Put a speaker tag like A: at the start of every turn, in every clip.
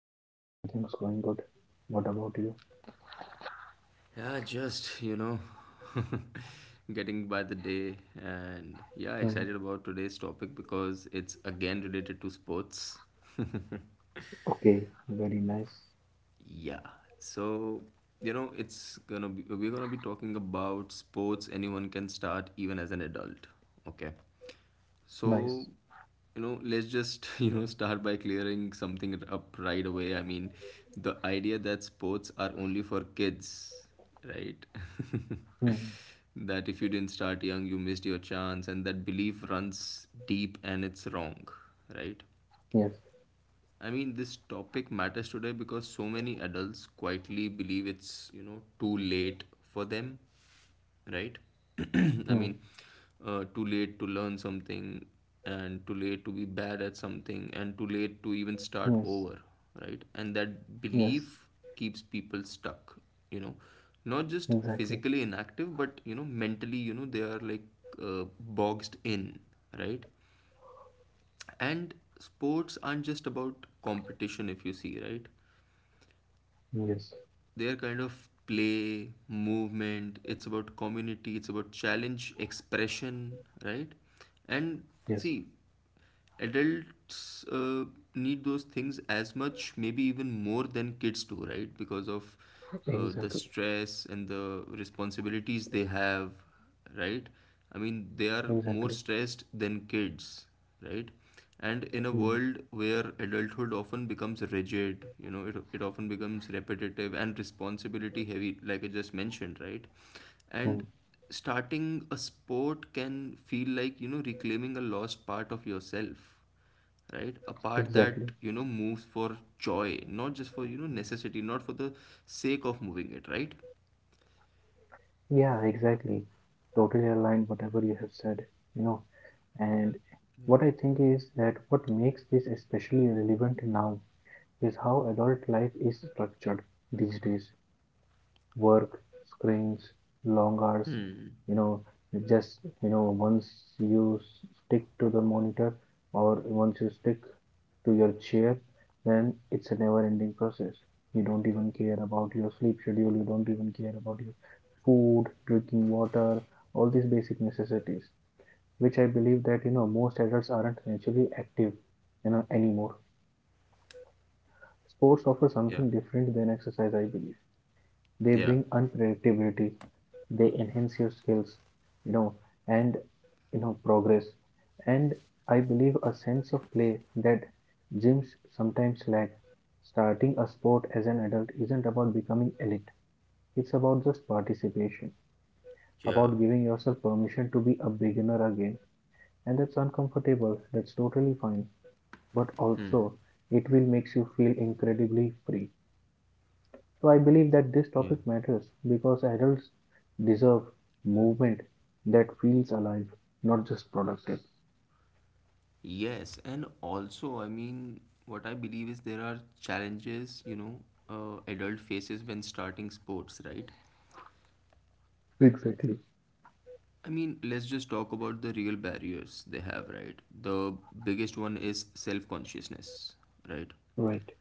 A: Sam. Everything's going good. What about you?
B: Yeah, just, you know, getting by the day. And yeah,
A: Hmm.
B: excited about today's topic because it's again related to sports.
A: Okay, very nice.
B: yeah. So, it's gonna be, we're gonna be talking about sports anyone can start even as an adult. Okay. So,
A: Nice.
B: let's just, start by clearing something up right away. The idea that sports are only for kids, right?
A: Hmm.
B: That if you didn't start young, you missed your chance, and that belief runs deep and it's wrong, right?
A: Yes.
B: This topic matters today because so many adults quietly believe it's, too late for them right? I
A: Hmm.
B: mean, too late to learn something, and too late to be bad at something, and too late to even start
A: Yes.
B: over, right? And that
A: Yes.
B: belief keeps people stuck, you know, not just
A: Exactly.
B: physically inactive, but mentally, they are like boxed in, right? And sports aren't just about competition, if you see, right?
A: Yes.
B: Their kind of play, movement, it's about community, it's about challenge, expression, right? And
A: Yes.
B: see, adults need those things as much, maybe even more than kids do, right? Because of the
A: Exactly.
B: stress and the responsibilities they have, right? I mean, they are more
A: Exactly.
B: stressed than kids, right? And in a
A: Hmm.
B: world where adulthood often becomes rigid, it often becomes repetitive and responsibility heavy, like I just mentioned, right?
A: Hmm.
B: And starting a sport can feel like, reclaiming a lost part of yourself, right? A part
A: Exactly.
B: that, moves for joy, not just for, necessity, not for the sake of moving it, right?
A: Yeah, exactly. Totally aligned whatever you have said, you know. And
B: Yeah.
A: what I think is that what makes this especially relevant now is how adult life is structured these days. Work, screens, long hours.
B: Hmm.
A: You know, just once you stick to the monitor or once you stick to your chair, then it's a never-ending process. You don't even care about your sleep schedule. You don't even care about your food, drinking water, all these basic necessities, which I believe that most adults aren't actually active, anymore. Sports offer
B: Yeah.
A: something different than exercise, I believe. They
B: Yeah.
A: bring unpredictability, they enhance your skills, you know and progress, and I believe a sense of play that gyms sometimes lack. Starting a sport as an adult isn't about becoming elite, it's about just participation,
B: Yeah.
A: about giving yourself permission to be a beginner again, and that's uncomfortable, that's totally fine, but also it will makes you feel incredibly free. So I believe that this
B: Yeah.
A: topic matters because adults deserve movement that feels alive, not just productive.
B: Yes, and also, what I believe is there are challenges, adult faces when starting sports, right?
A: Exactly.
B: I mean, let's just talk about the real barriers they have, right? The biggest one is self-consciousness, right?
A: Right.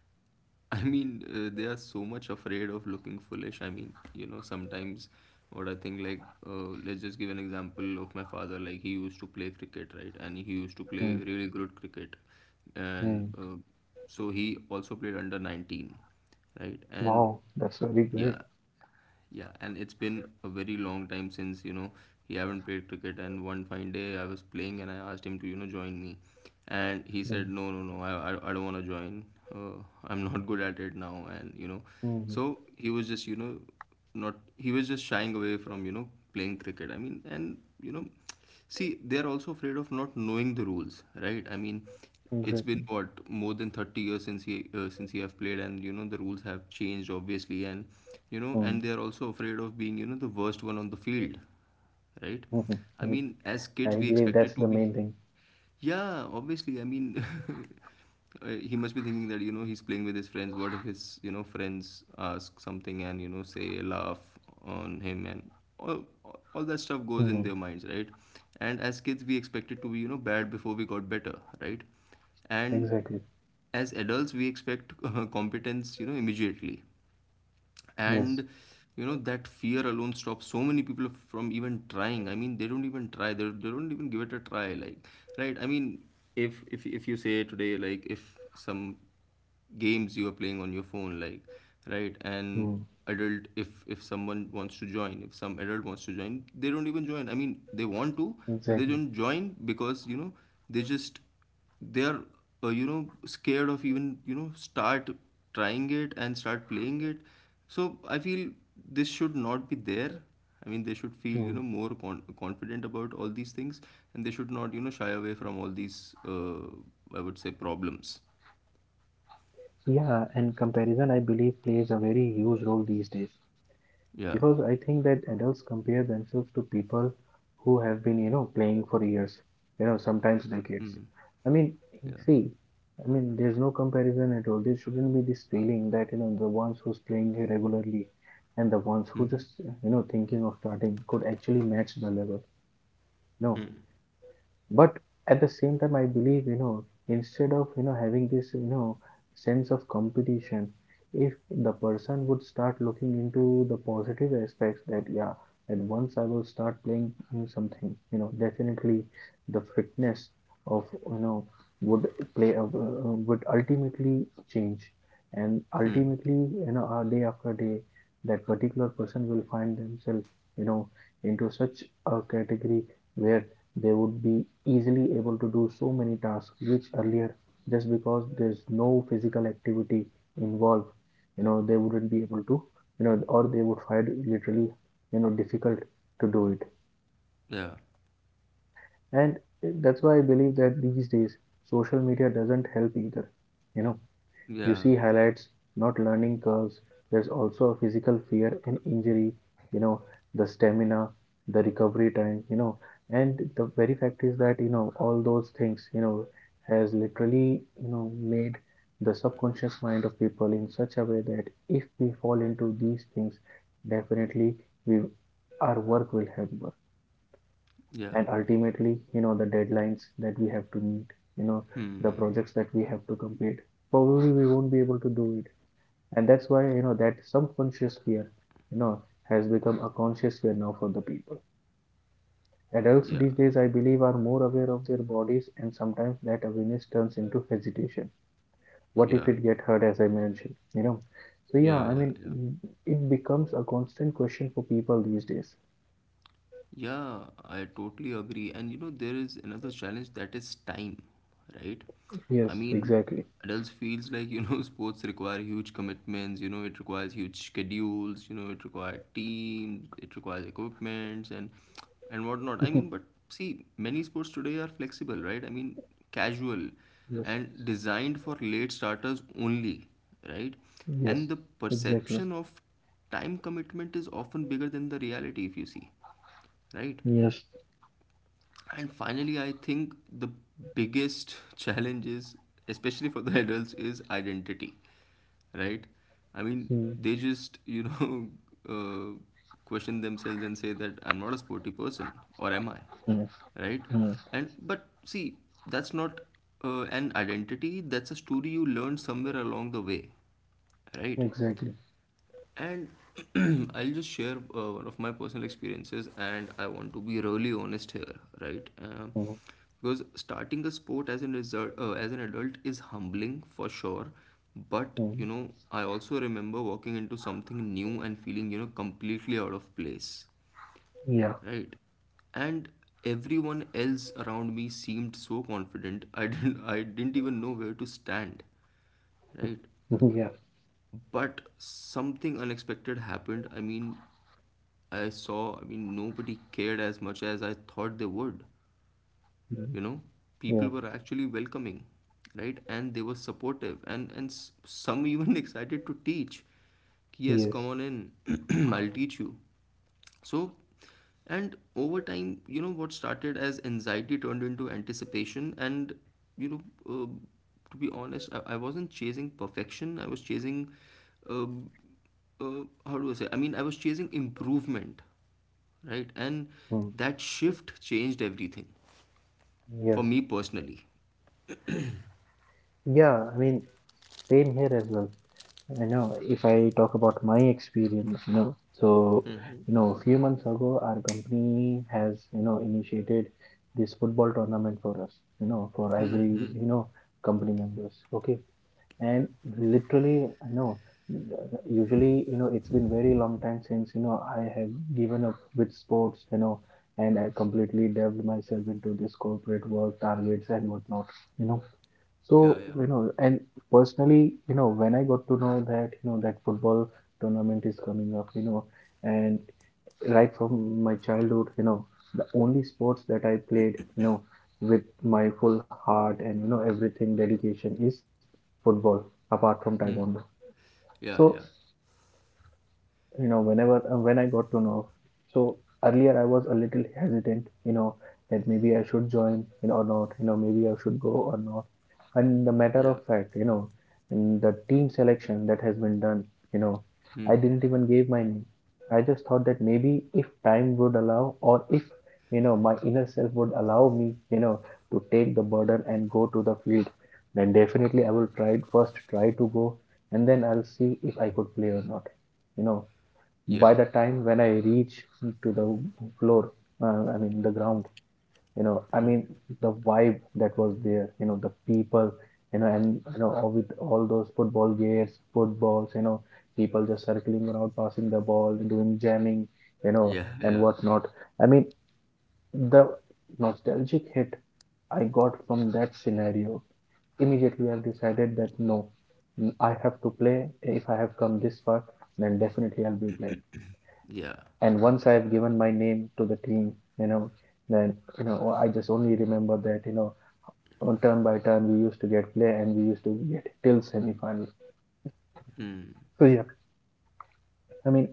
B: they are so much afraid of looking foolish. Sometimes what I think, let's just give an example of my father. Like, he used to play cricket, right? And he used to play
A: Mm,
B: really good cricket. And
A: mm.
B: so he also played under 19, right? And
A: Wow, that's very great.
B: yeah, yeah, and it's been a very long time since he haven't played cricket. And one fine day I was playing and I asked him to join me, and he
A: Mm,
B: said no, no, no, I don't want to join. I'm not good at it now, and so
A: mm.
B: he was just you know not he was just shying away from playing cricket. I mean, and you know. See, they're also afraid of not knowing the rules, right? I mean, it's been
A: Exactly.
B: what more than 30 years since he have played and the rules have changed obviously, and and
A: Mm,
B: they're also afraid of being the worst one on the field, right?
A: mhm.
B: I
A: I
B: mean, as kids
A: I
B: we
A: believe that's
B: expected to
A: the
B: be
A: main thing.
B: yeah, obviously. I mean, he must be thinking that, he's playing with his friends. What if his, friends ask something and, say, laugh on him and all, all that stuff goes in
A: Mm.
B: their minds, right? And as kids, we expect it to be, bad before we got better, right? And
A: Exactly.
B: as adults, we expect competence, immediately,
A: Yes.
B: and that fear alone stops so many people from even trying. I mean, they don't even try, they don't even give it a try like, right? I mean, if you say today, like, if some games you are playing on your phone, like, right? And
A: Mm,
B: adult, if someone wants to join, if some adult wants to join, they don't even join. I mean, they want to, but they
A: exactly.
B: don't join because they just, they are, scared of even start trying it and start playing it. So I feel this should not be there. I mean, they should feel
A: Mm-hmm.
B: more confident about all these things, and they should not shy away from all these I would say problems.
A: Yeah, and comparison, I believe, plays a very huge role these days.
B: Yeah.
A: Because I think that adults compare themselves to people who have been, playing for years, sometimes decades.
B: Hmm.
A: I mean,
B: Yeah.
A: see, I mean, there's no comparison at all. There shouldn't be this feeling that, the ones who's playing regularly and the ones who just,
B: Hmm.
A: you know, thinking of starting could actually match the level. No,
B: Hmm.
A: but at the same time I believe, instead of having this sense of competition, if the person would start looking into the positive aspects, that yeah, and once I will start playing you something, definitely the fitness of you know would play a, would ultimately change, and
B: Hmm.
A: ultimately day after day, that particular person will find themselves you know into such a category where they would be easily able to do so many tasks which earlier, just because there's no physical activity involved, they wouldn't be able to, or they would find it literally difficult to do it.
B: Yeah.
A: And that's why I believe that these days social media doesn't help either. You know you
B: Yeah,
A: see highlights, not learning curves. There's also a physical fear and injury, you know, the stamina, the recovery time, and the very fact is that, all those things, has literally, made the subconscious mind of people in such a way that if we fall into these things, definitely we our work will hamper.
B: yeah.
A: And ultimately, the deadlines that we have to meet, you know, the
B: Hmm.
A: projects that we have to complete, probably we won't be able to do it. And that's why that subconscious fear you know has become a conscious fear now for the people. Adults these
B: Yeah,
A: days I believe are more aware of their bodies, and sometimes that awareness turns into hesitation. What if
B: yeah,
A: it get hurt, as I mentioned? So yeah,
B: yeah.
A: I
B: Yeah.
A: mean,
B: Yeah.
A: it becomes a constant question for people these days.
B: Yeah, I totally agree. And you know, there is another challenge that is time, right? I
A: Yes,
B: mean,
A: exactly.
B: adults feels like, sports require huge commitments, it requires huge schedules, it requires teams, it requires equipments and whatnot. I mean, but see, many sports today are flexible, right? I mean, casual
A: Yes.
B: and designed for late starters only, right? And
A: Yes,
B: the
A: exactly.
B: perception of time commitment is often bigger than the reality if you see, right?
A: Yes.
B: And finally, I think the biggest challenge is, especially for the adults, is identity, right? I mean,
A: Hmm.
B: they just, uh, question themselves and say that I'm not a sporty person, or am I,
A: Hmm.
B: right?
A: Hmm.
B: And but see, that's not an identity, that's a story you learned somewhere along the way, right?
A: Exactly.
B: And I'll just share one of my personal experiences, and I want to be really honest here, right?
A: Hmm.
B: Because starting a sport as an adult is humbling for sure. But you
A: Hmm.
B: know, I also remember walking into something new and feeling completely out of place,
A: Yeah.
B: right? And everyone else around me seemed so confident. I didn't even know where to stand, right?
A: Yeah.
B: But something unexpected happened. I mean, I mean, nobody cared as much as I thought they would.
A: Mm.
B: you know people were actually welcoming, right? And they were supportive, and some even excited to teach.
A: Yeah.
B: Yes,
A: Yes.
B: come on in. I'll teach you. So, and over time, what started as anxiety turned into anticipation. You know, uh, to be honest, I wasn't chasing perfection. I was chasing, um how do I say? I mean, I was chasing improvement, right? And
A: Hmm.
B: that shift changed everything for
A: Yes.
B: me personally.
A: Yeah, I mean, same here as well. If I talk about my experience, so, a few months ago, our company has, initiated this football tournament for us, for every, you know, company members. Okay. And literally, usually, it's been very long time since, I have given up with sports, and I completely delved myself into this corporate work, targets, and whatnot. you know
B: Yeah,
A: So,
B: yeah.
A: and personally, when I got to know that, that football tournament is coming up, and right from my childhood, the only sports that I played, with my full heart and, everything dedication is football, apart from taekwondo.
B: Hmm. Yeah,
A: So
B: yeah.
A: whenever when I got to know, so earlier I was a little hesitant that maybe I should join, or not. Maybe I should go or not. And the matter
B: Yeah.
A: of fact, in the team selection that has been done, you know, I
B: Hmm.
A: didn't even give my name. I just thought that maybe if time would allow, or if my inner self would allow me to take the burden and go to the field, then definitely I will try first try to go, and then I'll see if I could play or not you know by
B: Yeah.
A: the time when I reach to the floor, I mean the ground, I mean, the vibe that was there, the people, and all with all those football gears, footballs, people just circling around, passing the ball, doing jamming, you know,
B: Yeah,
A: and
B: yeah.
A: whatnot. I mean, the nostalgic hit I got from that scenario, immediately I've decided that no, I have to play. If I have come this far, then definitely I'll be playing.
B: Yeah.
A: And once I've given my name to the team, you know, then I just only remember that on turn by turn we used to get play and we used to get till semi-final.
B: Hmm.
A: So yeah, I mean,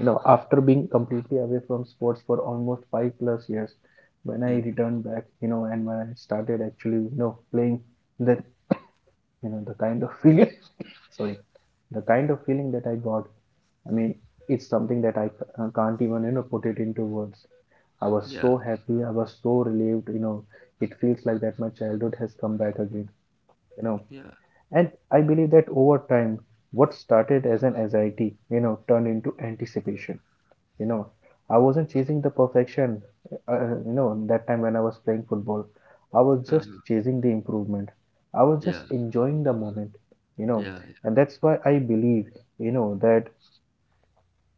A: after being completely away from sports for almost 5+ years, when I
B: Hmm. Hmm.
A: returned back, and when I started actually playing, that the kind of feeling, sorry, the kind of feeling that I got, I mean it's something that I can't even put it into words. I was so
B: Yeah.
A: happy. I was so relieved. It feels like that my childhood has come back again. You know,
B: Yeah.
A: and I believe that over time, what started as an anxiety, turned into anticipation. You know, I wasn't chasing the perfection. That time when I was playing football, I was just
B: Huh.
A: chasing the improvement. I was
B: Yeah.
A: just enjoying the moment. You know,
B: Yeah. Yeah.
A: and that's why I believe, that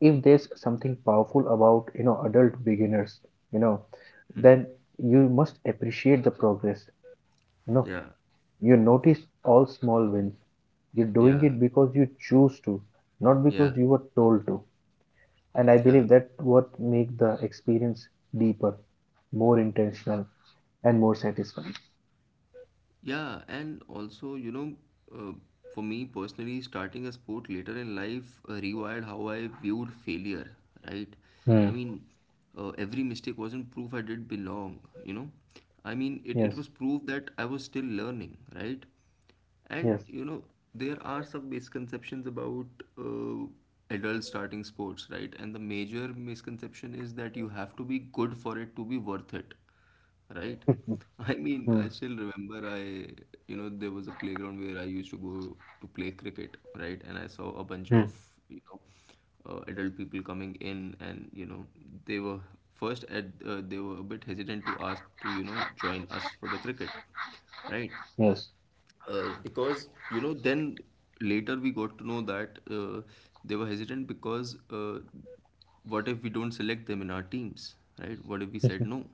A: if there's something powerful about adult beginners, you know
B: Hmm.
A: then you must appreciate the progress. you know
B: Yeah.
A: you notice all small wins. You're doing
B: Yeah.
A: it because you choose to, not because
B: Yeah.
A: you were told to. And I
B: Yeah.
A: believe that what make the experience deeper, more intentional, and more satisfying.
B: Yeah, and also, uh, for me personally, starting a sport later in life rewired how I viewed failure, right? I
A: Hmm.
B: mean, every mistake wasn't proof I did belong, you know? I mean, it
A: Yes.
B: was proof that I was still learning, right? And
A: Yes.
B: you know, there are some misconceptions about uh, adults starting sports, right? And the major misconception is that you have to be good for it to be worth it, right? I mean,
A: Hmm.
B: I still remember I, you know, there was a playground where I used to go to play cricket, right? And I saw a bunch
A: Hmm.
B: of, you know, adult people coming in, and they were they were a bit hesitant to ask to, join us for the cricket, right?
A: Yes.
B: Because you know, then later we got to know that they were hesitant because what if we don't select them in our teams, right? What if we said no?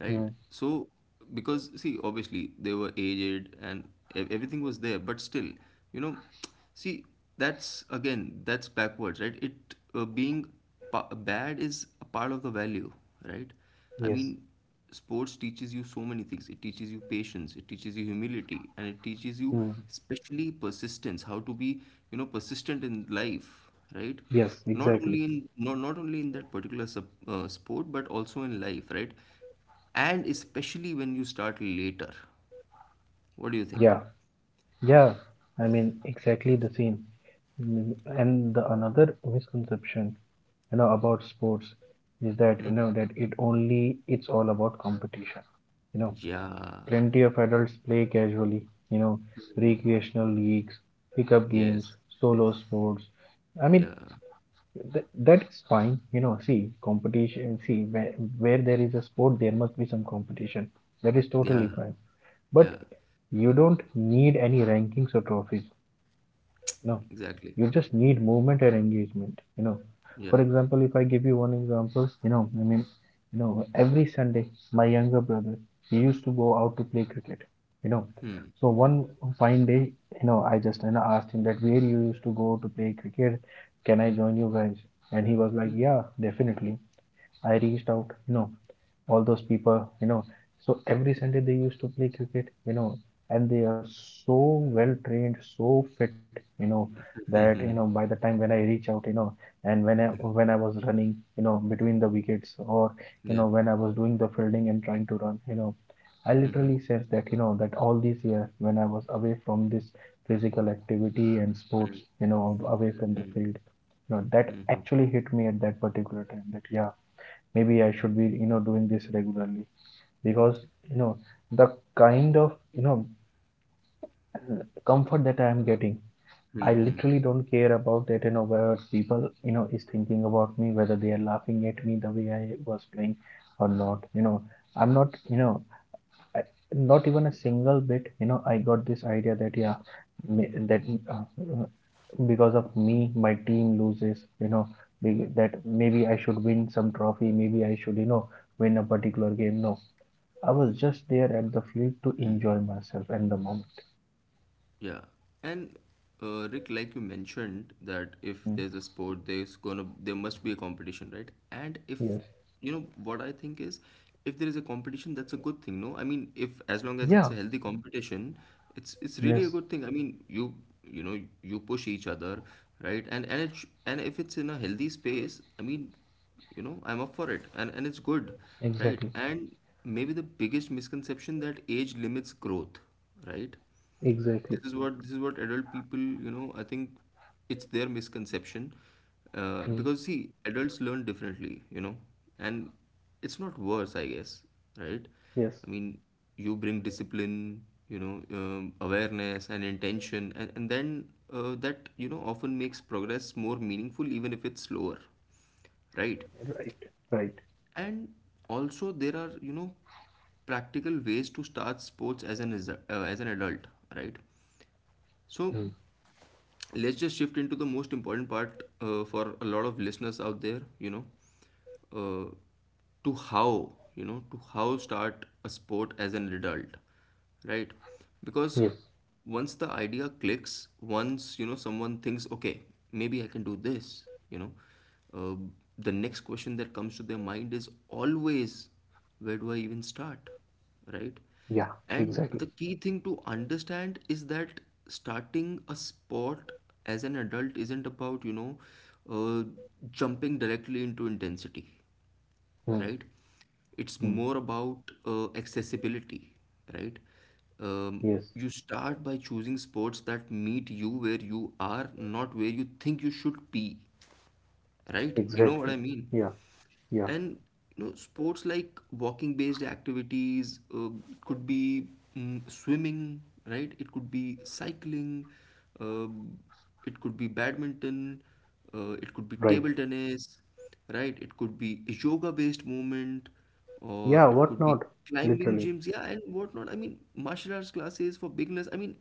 B: Right?
A: Hmm.
B: So, because see, obviously they were aged and everything was there, but still, you know, see, that's again, that's backwards, right? It uh, being bad is a part of the value, right? I
A: Yes.
B: mean, sports teaches you so many things. It teaches you patience, it teaches you humility, and it teaches you
A: Hmm.
B: especially persistence, how to be, persistent in life, right?
A: Yes,
B: Not
A: exactly.
B: only in not, not only in that particular sport, but also in life, right? And especially when you start later, what do you think?
A: Yeah. Yeah, I mean, exactly the same. Mm. And the another misconception, about sports is that, you know, that it only, it's all about competition. You know,
B: Yeah.
A: plenty of adults play casually, you know, recreational leagues, pickup games,
B: Yes.
A: solo sports. I mean,
B: Yeah.
A: That is fine. See, competition, see, where there is a sport, there must be some competition. That is totally
B: Yeah.
A: fine. But
B: Yeah.
A: you don't need any rankings or trophies. No,
B: Exactly.
A: you just need movement and engagement. For
B: Yeah.
A: example, if I give you one example, I mean, every Sunday, my younger brother, he used to go out to play cricket. You know, so one fine day, I just asked him that where you used to go to play cricket. Can I join you guys? And he was like, yeah, definitely. I reached out, all those people. So every Sunday they used to play cricket, and they are so well trained, so fit, you know, that by the time when I reach out, and when I was running, between the wickets or when I was doing the fielding and trying to run, I literally sense that that all these years when I was away from this physical activity and sports, away from the field, that actually hit me at that particular time. That, yeah, maybe I should be, you know, doing this regularly because, you know, the kind of, you know, comfort that I am getting,
B: Yeah.
A: I literally don't care about that, whether people, is thinking about me, whether they are laughing at me the way I was playing or not. I'm not you know I, Not even a single bit, I got this idea that, yeah, that uh, uh, because of me my team loses. That maybe I should win some trophy, maybe I should, you know, win a particular game. No, I was just there at the field to enjoy myself and the moment.
B: Yeah, and Rick, like you mentioned, that if
A: Mm.
B: there's a sport, there's gonna there must be a competition, right? And if
A: Yes.
B: you know what I think is, if there is a competition, that's a good thing. No, I mean, if as long as
A: Yeah.
B: it's a healthy competition, it's really a
A: Yes.
B: good thing. I mean, you know you push each other, right? And if it's in a healthy space, I mean, you know I'm up for it and it's good, right?
A: Exactly.
B: And maybe the biggest misconception that age limits growth, right?
A: Exactly.
B: This is what adult people, you know, I think it's their misconception,
A: Mm.
B: because see, adults learn differently, you know. And it's not worse, I guess, right?
A: Yes.
B: I mean, you bring discipline, you know, awareness and intention, and then that, you know, often makes progress more meaningful even if it's slower, right?
A: Right. Right.
B: And also there are, you know, practical ways to start sports as an adult, right? So
A: Mm.
B: let's just shift into the most important part, for a lot of listeners out there, you know. uh, to, how you know, to how start a sport as an adult, right? Because
A: Yes.
B: once the idea clicks, once, you know, someone thinks, okay, maybe I can do this, you know, uh, the next question that comes to their mind is always, where do I even start, right?
A: Yeah.
B: And
A: Exactly.
B: the key thing to understand is that starting a sport as an adult isn't about, you know, uh, jumping directly into intensity,
A: Mm,
B: right? It's
A: mm,
B: more about accessibility, right? Um,
A: Yes.
B: you start by choosing sports that meet you where you are, not where you think you should be, right? You know what
A: Exactly.
B: I mean?
A: Yeah. Yeah.
B: And you know, sports like walking based activities, could be, swimming, right? It could be cycling, uh, it could be badminton, it could be
A: Right.
B: table tennis, right? It could be yoga based movement, or
A: Yeah.
B: it
A: What
B: could be
A: not?
B: climbing
A: Literally.
B: gyms, yeah, and whatnot. I mean, martial arts classes for beginners. I mean,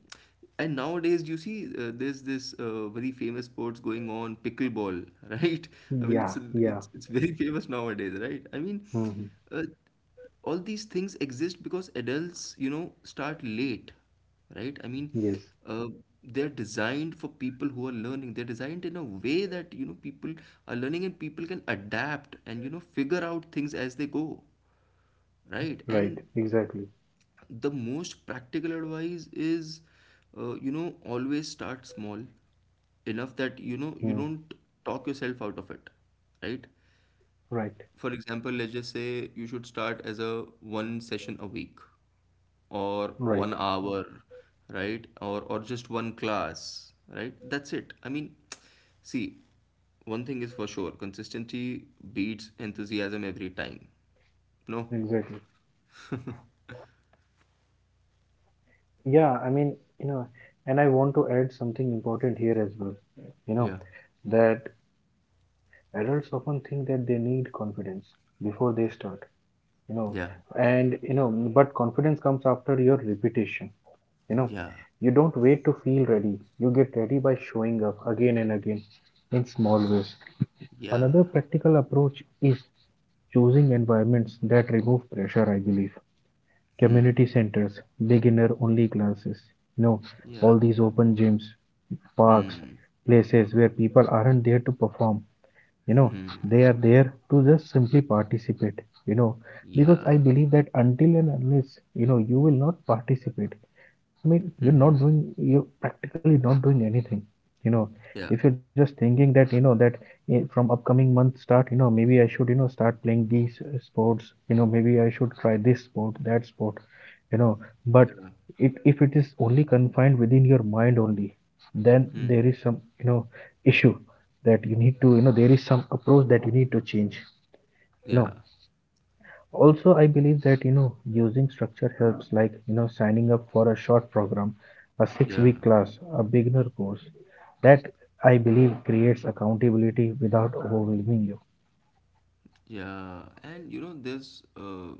B: and nowadays you see, there's this very famous sports going on, pickleball, right? I mean,
A: Yeah.
B: it's
A: Yeah.
B: it's it's very famous nowadays, right? I mean,
A: Hmm.
B: uh, all these things exist because adults, you know, start late, right? I mean,
A: Yes.
B: uh, they're designed for people who are learning. They're designed in a way that, you know, people are learning and people can adapt and, you know, figure out things as they go, right?
A: Right.
B: And
A: Exactly.
B: the most practical advice is, you know, always start small enough that, you know, you
A: Mm.
B: don't talk yourself out of it, right?
A: Right.
B: For example, let's just say you should start as a one session a week or
A: Right.
B: 1 hour, right? Or just one class, right? That's it. I mean, see, one thing is for sure, consistency beats enthusiasm every time. No?
A: Exactly. Yeah, I mean, you know, and I want to add something important here as well. You know,
B: Yeah.
A: that adults often think that they need confidence before they start, you know,
B: Yeah.
A: and but confidence comes after your repetition. You know,
B: Yeah.
A: you don't wait to feel ready, you get ready by showing up again and again in small ways.
B: Yeah.
A: Another practical approach is choosing environments that remove pressure, I believe. Community centers, beginner-only classes. You know,
B: Yeah.
A: all these open gyms, parks, places where people aren't there to perform. You know, they are there to just simply participate. You know, because
B: Yeah.
A: I believe that until and unless, you will not participate, I mean,
B: Mm-hmm.
A: you're practically not doing anything. You know,
B: Yeah.
A: if you're just thinking that, you know, that from upcoming month start, you know, maybe I should, you know, start playing these sports, you know, maybe I should try this sport, that sport, you know, but
B: Yeah.
A: if it is only confined within your mind only, then there
B: Mm-hmm.
A: is some, you know, issue that you need to, you know, there is some approach that you need to change, you know.
B: Yeah.
A: Also, I believe that, you know, using structure helps, like, you know, signing up for a short program, a 6
B: Yeah.
A: week class, a beginner course, that I believe creates accountability without overwhelming you.
B: Yeah. And you know, there's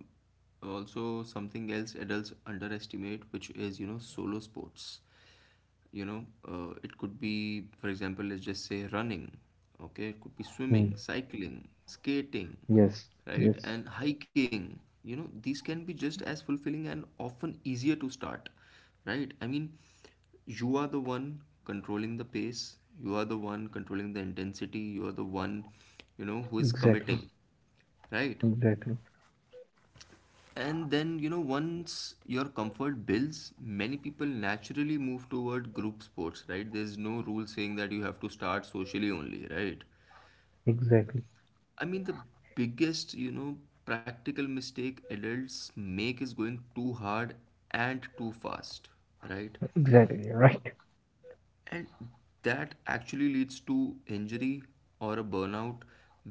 B: also something else adults underestimate, which is, you know, solo sports. You know, it could be, for example, let's just say running, okay? It could be
A: Hmm.
B: swimming, cycling, skating,
A: Yes,
B: right?
A: yes,
B: And hiking, you know, these can be just as fulfilling and often easier to start, right? I mean, you are the one controlling the pace, you are the one controlling the intensity, you are the one, you know, who is
A: exactly,
B: committing, right?
A: exactly,
B: And then, you know, once your comfort builds, many people naturally move toward group sports, right? There's no rule saying that you have to start socially only, right?
A: exactly.
B: I mean, the biggest, you know, practical mistake adults make is going too hard and too fast, right?
A: Exactly, right.
B: And that actually leads to injury or a burnout,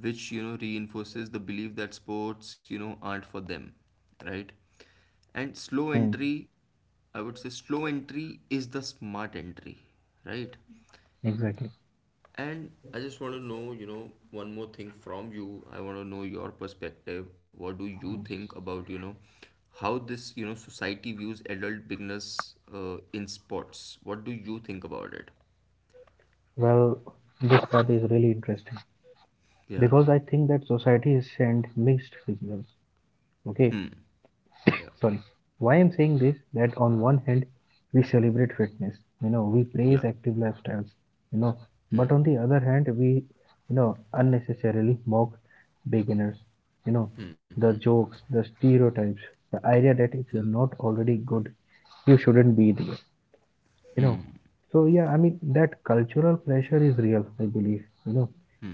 B: which, you know, reinforces the belief that sports, you know, aren't for them, right? And slow
A: Hmm.
B: entry, I would say slow entry is the smart entry, right?
A: Exactly.
B: And I just want to know, you know, one more thing from you. I want to know your perspective. What do you think about, you know, how this, you know, society views adult beginners, in sports? What do you think about it?
A: Well, this part is really interesting because
B: Yeah.
A: I think that society is sent mixed signals. Okay,
B: Yeah.
A: sorry. Why I'm saying this, that on one hand we celebrate fitness, you know, we praise
B: Yeah.
A: active lifestyles, you know, but on the other hand we, you know, unnecessarily mock beginners, you know, the jokes, the stereotypes, the idea that if
B: Yeah.
A: you're not already good you shouldn't be there, you know. So yeah, I mean, that cultural pressure is real, I believe, you know.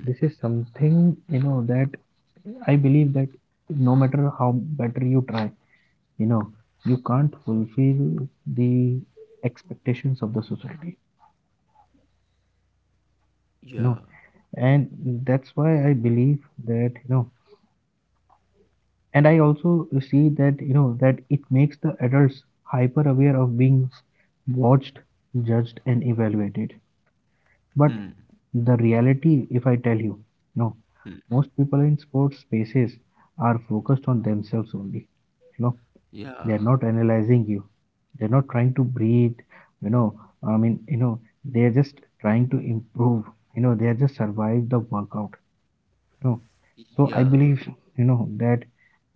A: This is something, you know, that I believe that no matter how better you try, you know, you can't fulfill the expectations of the society, you know.
B: Yeah.
A: And that's why I believe that, and I also see that, you know, that it makes the adults hyper aware of being watched, judged and evaluated. But the reality, if I tell you, no, most people in sports spaces are focused on themselves only, you know.
B: Yeah.
A: They are not analyzing you. They're not trying to breathe. You know, I mean, you know, they are just trying to improve. You know, they are just survive the workout. No. So I believe,
B: Yeah.
A: you know, that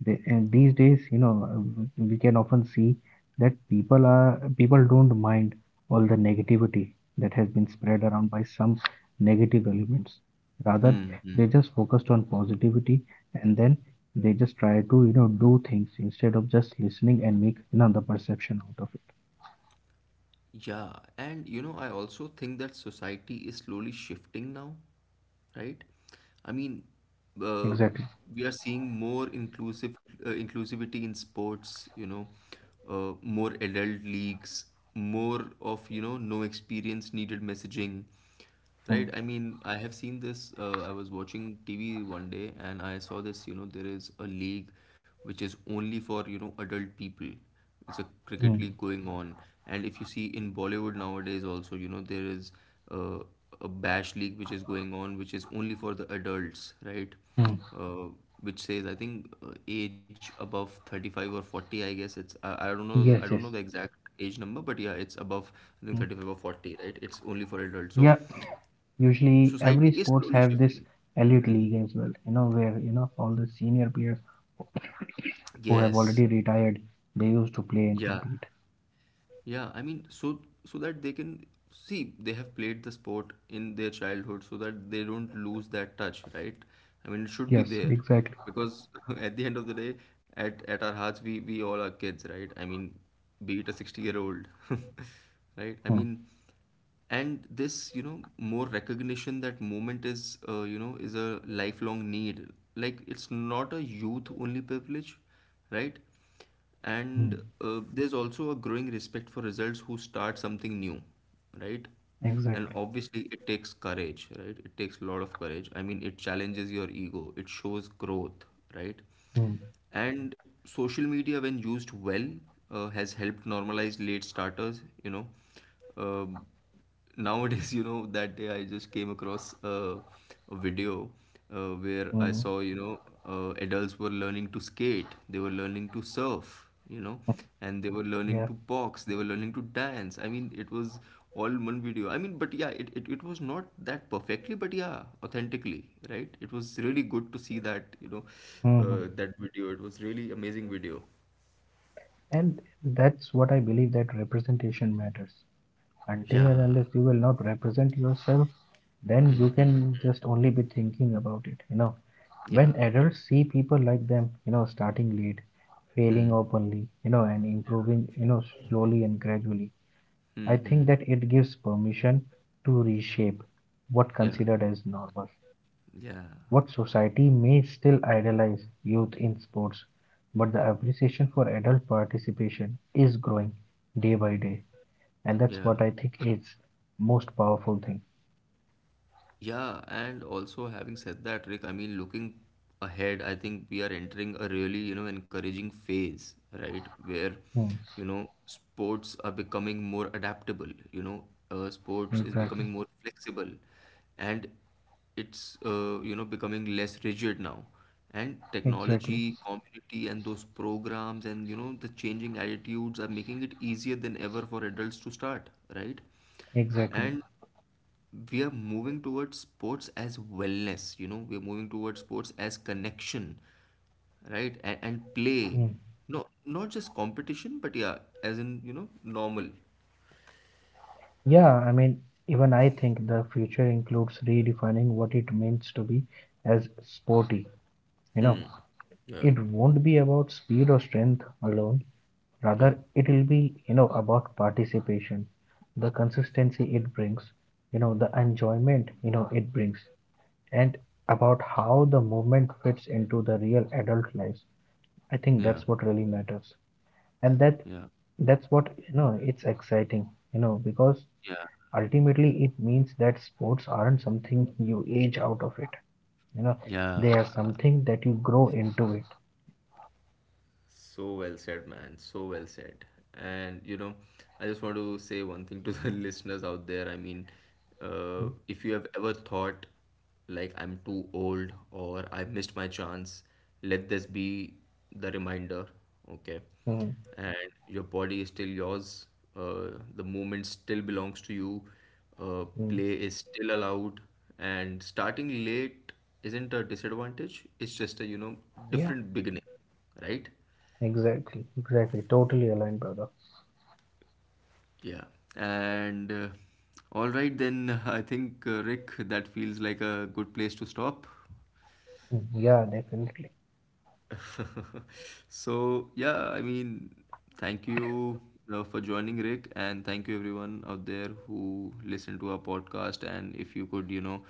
A: and these days, we can often see that people don't mind all the negativity that has been spread around by some negative elements. Rather,
B: Hmm.
A: they
B: Hmm.
A: just focused on positivity and then they just try to, you know, do things instead of just listening and make, you know, the perception out of
B: Yeah. And you know, I also think that society is slowly shifting now, right? I mean,
A: it.
B: uh,
A: Exactly.
B: we are seeing more inclusive inclusivity in sports, you know, more adult leagues, more of, you know, no experience needed messaging. Right,
A: Mm.
B: I mean, I have seen this. I was watching TV one day and I saw this. You know, there is a league which is only for, you know, adult people. It's a cricket
A: Mm.
B: league going on. And if you see in Bollywood nowadays also, you know, there is uh, a bash league which is going on, which is only for the adults, right?
A: Mm.
B: Uh, which says, I think, age above 35 or 40, I guess it's, I don't know, I
A: Yes,
B: don't know
A: yes.
B: the exact age number, but yeah, it's above, I think,
A: Mm.
B: 35 or 40, right? It's only for adults. So,
A: Yeah. Usually, every
B: society is
A: sports
B: slowly
A: have this
B: shifting.
A: elite
B: Hmm.
A: league as well, you know, where, all the senior players who have
B: Yes.
A: already retired, they used to play and
B: Yeah.
A: compete.
B: Yeah, I mean, so so that they can see they have played the sport in their childhood, so that they don't lose that touch, right? I mean, it should be
A: Yes,
B: there,
A: exactly.
B: because at the end of the day, at our hearts, we all are kids, right? I mean, be it a 60-year-old, right? I
A: Hmm.
B: mean, and this, you know, more recognition that moment is, you know, is a lifelong need. Like it's not a youth only privilege, right?
A: Hmm.
B: And there's also a growing respect for results who start something new, right? And
A: Exactly.
B: obviously it takes courage, right? It takes a lot of courage. I mean, it challenges your ego, it shows growth, right?
A: Hmm.
B: And social media, when used well, has helped normalize late starters, you know. Um Nowadays you know, that day I just came across a video, where I
A: Hmm.
B: saw, you know, adults were learning to skate, they were learning to surf, you know,
A: Hmm.
B: and they were learning
A: Yeah.
B: to box, they were learning to dance. I mean, it was all in one video. I mean, but yeah, it was not that perfectly but yeah authentically, right? It was really good to see that, you know,
A: Hmm. Hmm.
B: that video, it was really amazing video.
A: And that's what I believe, that representation matters. Until and
B: Yeah.
A: unless you will not represent yourself, then you can just only be thinking about it, you know. When
B: Yeah.
A: adults see people like them, you know, starting late, failing
B: Hmm.
A: openly, you know, and improving, you know, slowly and gradually, I
B: Hmm.
A: think
B: Hmm.
A: that it gives permission to reshape what
B: Yeah.
A: considered as normal.
B: Yeah.
A: What society may still idolize youth in sports, but the appreciation for adult participation is growing day by day, and that's
B: Yeah.
A: what I think is most powerful thing.
B: Yeah, and also having said that, Rick, I mean, looking ahead, I think we are entering a really, you know, encouraging phase, right? Where,
A: Hmm,
B: you know, sports are becoming more adaptable, you know, sports is
A: exactly
B: becoming more flexible, and it's, you know, becoming less rigid now. And
A: exactly
B: technology, community, and those programs, and, you know, the changing attitudes are making it easier than ever for adults to start, right?
A: exactly.
B: And we are moving towards sports as wellness, you know, we're moving towards sports as connection, right? And
A: Hmm.
B: play, no, not just competition, but yeah, as in, you know, normal.
A: Yeah, I mean, even I think the future includes redefining what it means to be as sporty. You know,
B: Hmm. Yeah.
A: it won't be about speed or strength alone. Rather,
B: Yeah.
A: it will be, you know, about participation, the consistency it brings, you know, the enjoyment, you know, it brings, and about how the movement fits into the real adult lives. I think
B: Yeah.
A: that's what really matters. And
B: Yeah.
A: that's what, you know, it's exciting, you know, because
B: Yeah.
A: ultimately it means that sports aren't something you age out of it, you know,
B: Yeah.
A: they are something that you grow into it.
B: So well said, man. So well said. And you know, I just want to say one thing to the listeners out there. I mean,
A: Mm.
B: if you have ever thought like I'm too old or I missed my chance, let this be the reminder, okay?
A: mm,
B: And your body is still yours. The movement still belongs to you.
A: mm.
B: Play is still allowed, and starting late isn't a disadvantage. It's just a, you know,
A: Yeah,
B: different beginning, right?
A: exactly, totally aligned, brother.
B: Yeah. And all right, then I think, Rick, that feels like a good place to stop.
A: Mm, yeah, definitely.
B: So, yeah, I mean, thank you for joining, Rick, and thank you everyone out there who listened to our podcast. And if you could, you know,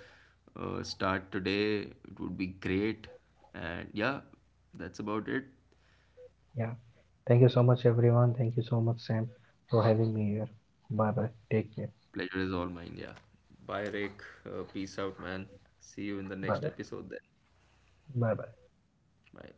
B: start today, it would be great. And yeah, that's about it.
A: Yeah, thank you so much everyone, thank you so much Sam, for having me here. Bye bye, take care.
B: Pleasure is all mine. Yeah. Bye, Rick. Peace out, man. See you in the
A: Bye
B: next
A: bye.
B: episode then.
A: Bye bye.
B: Bye.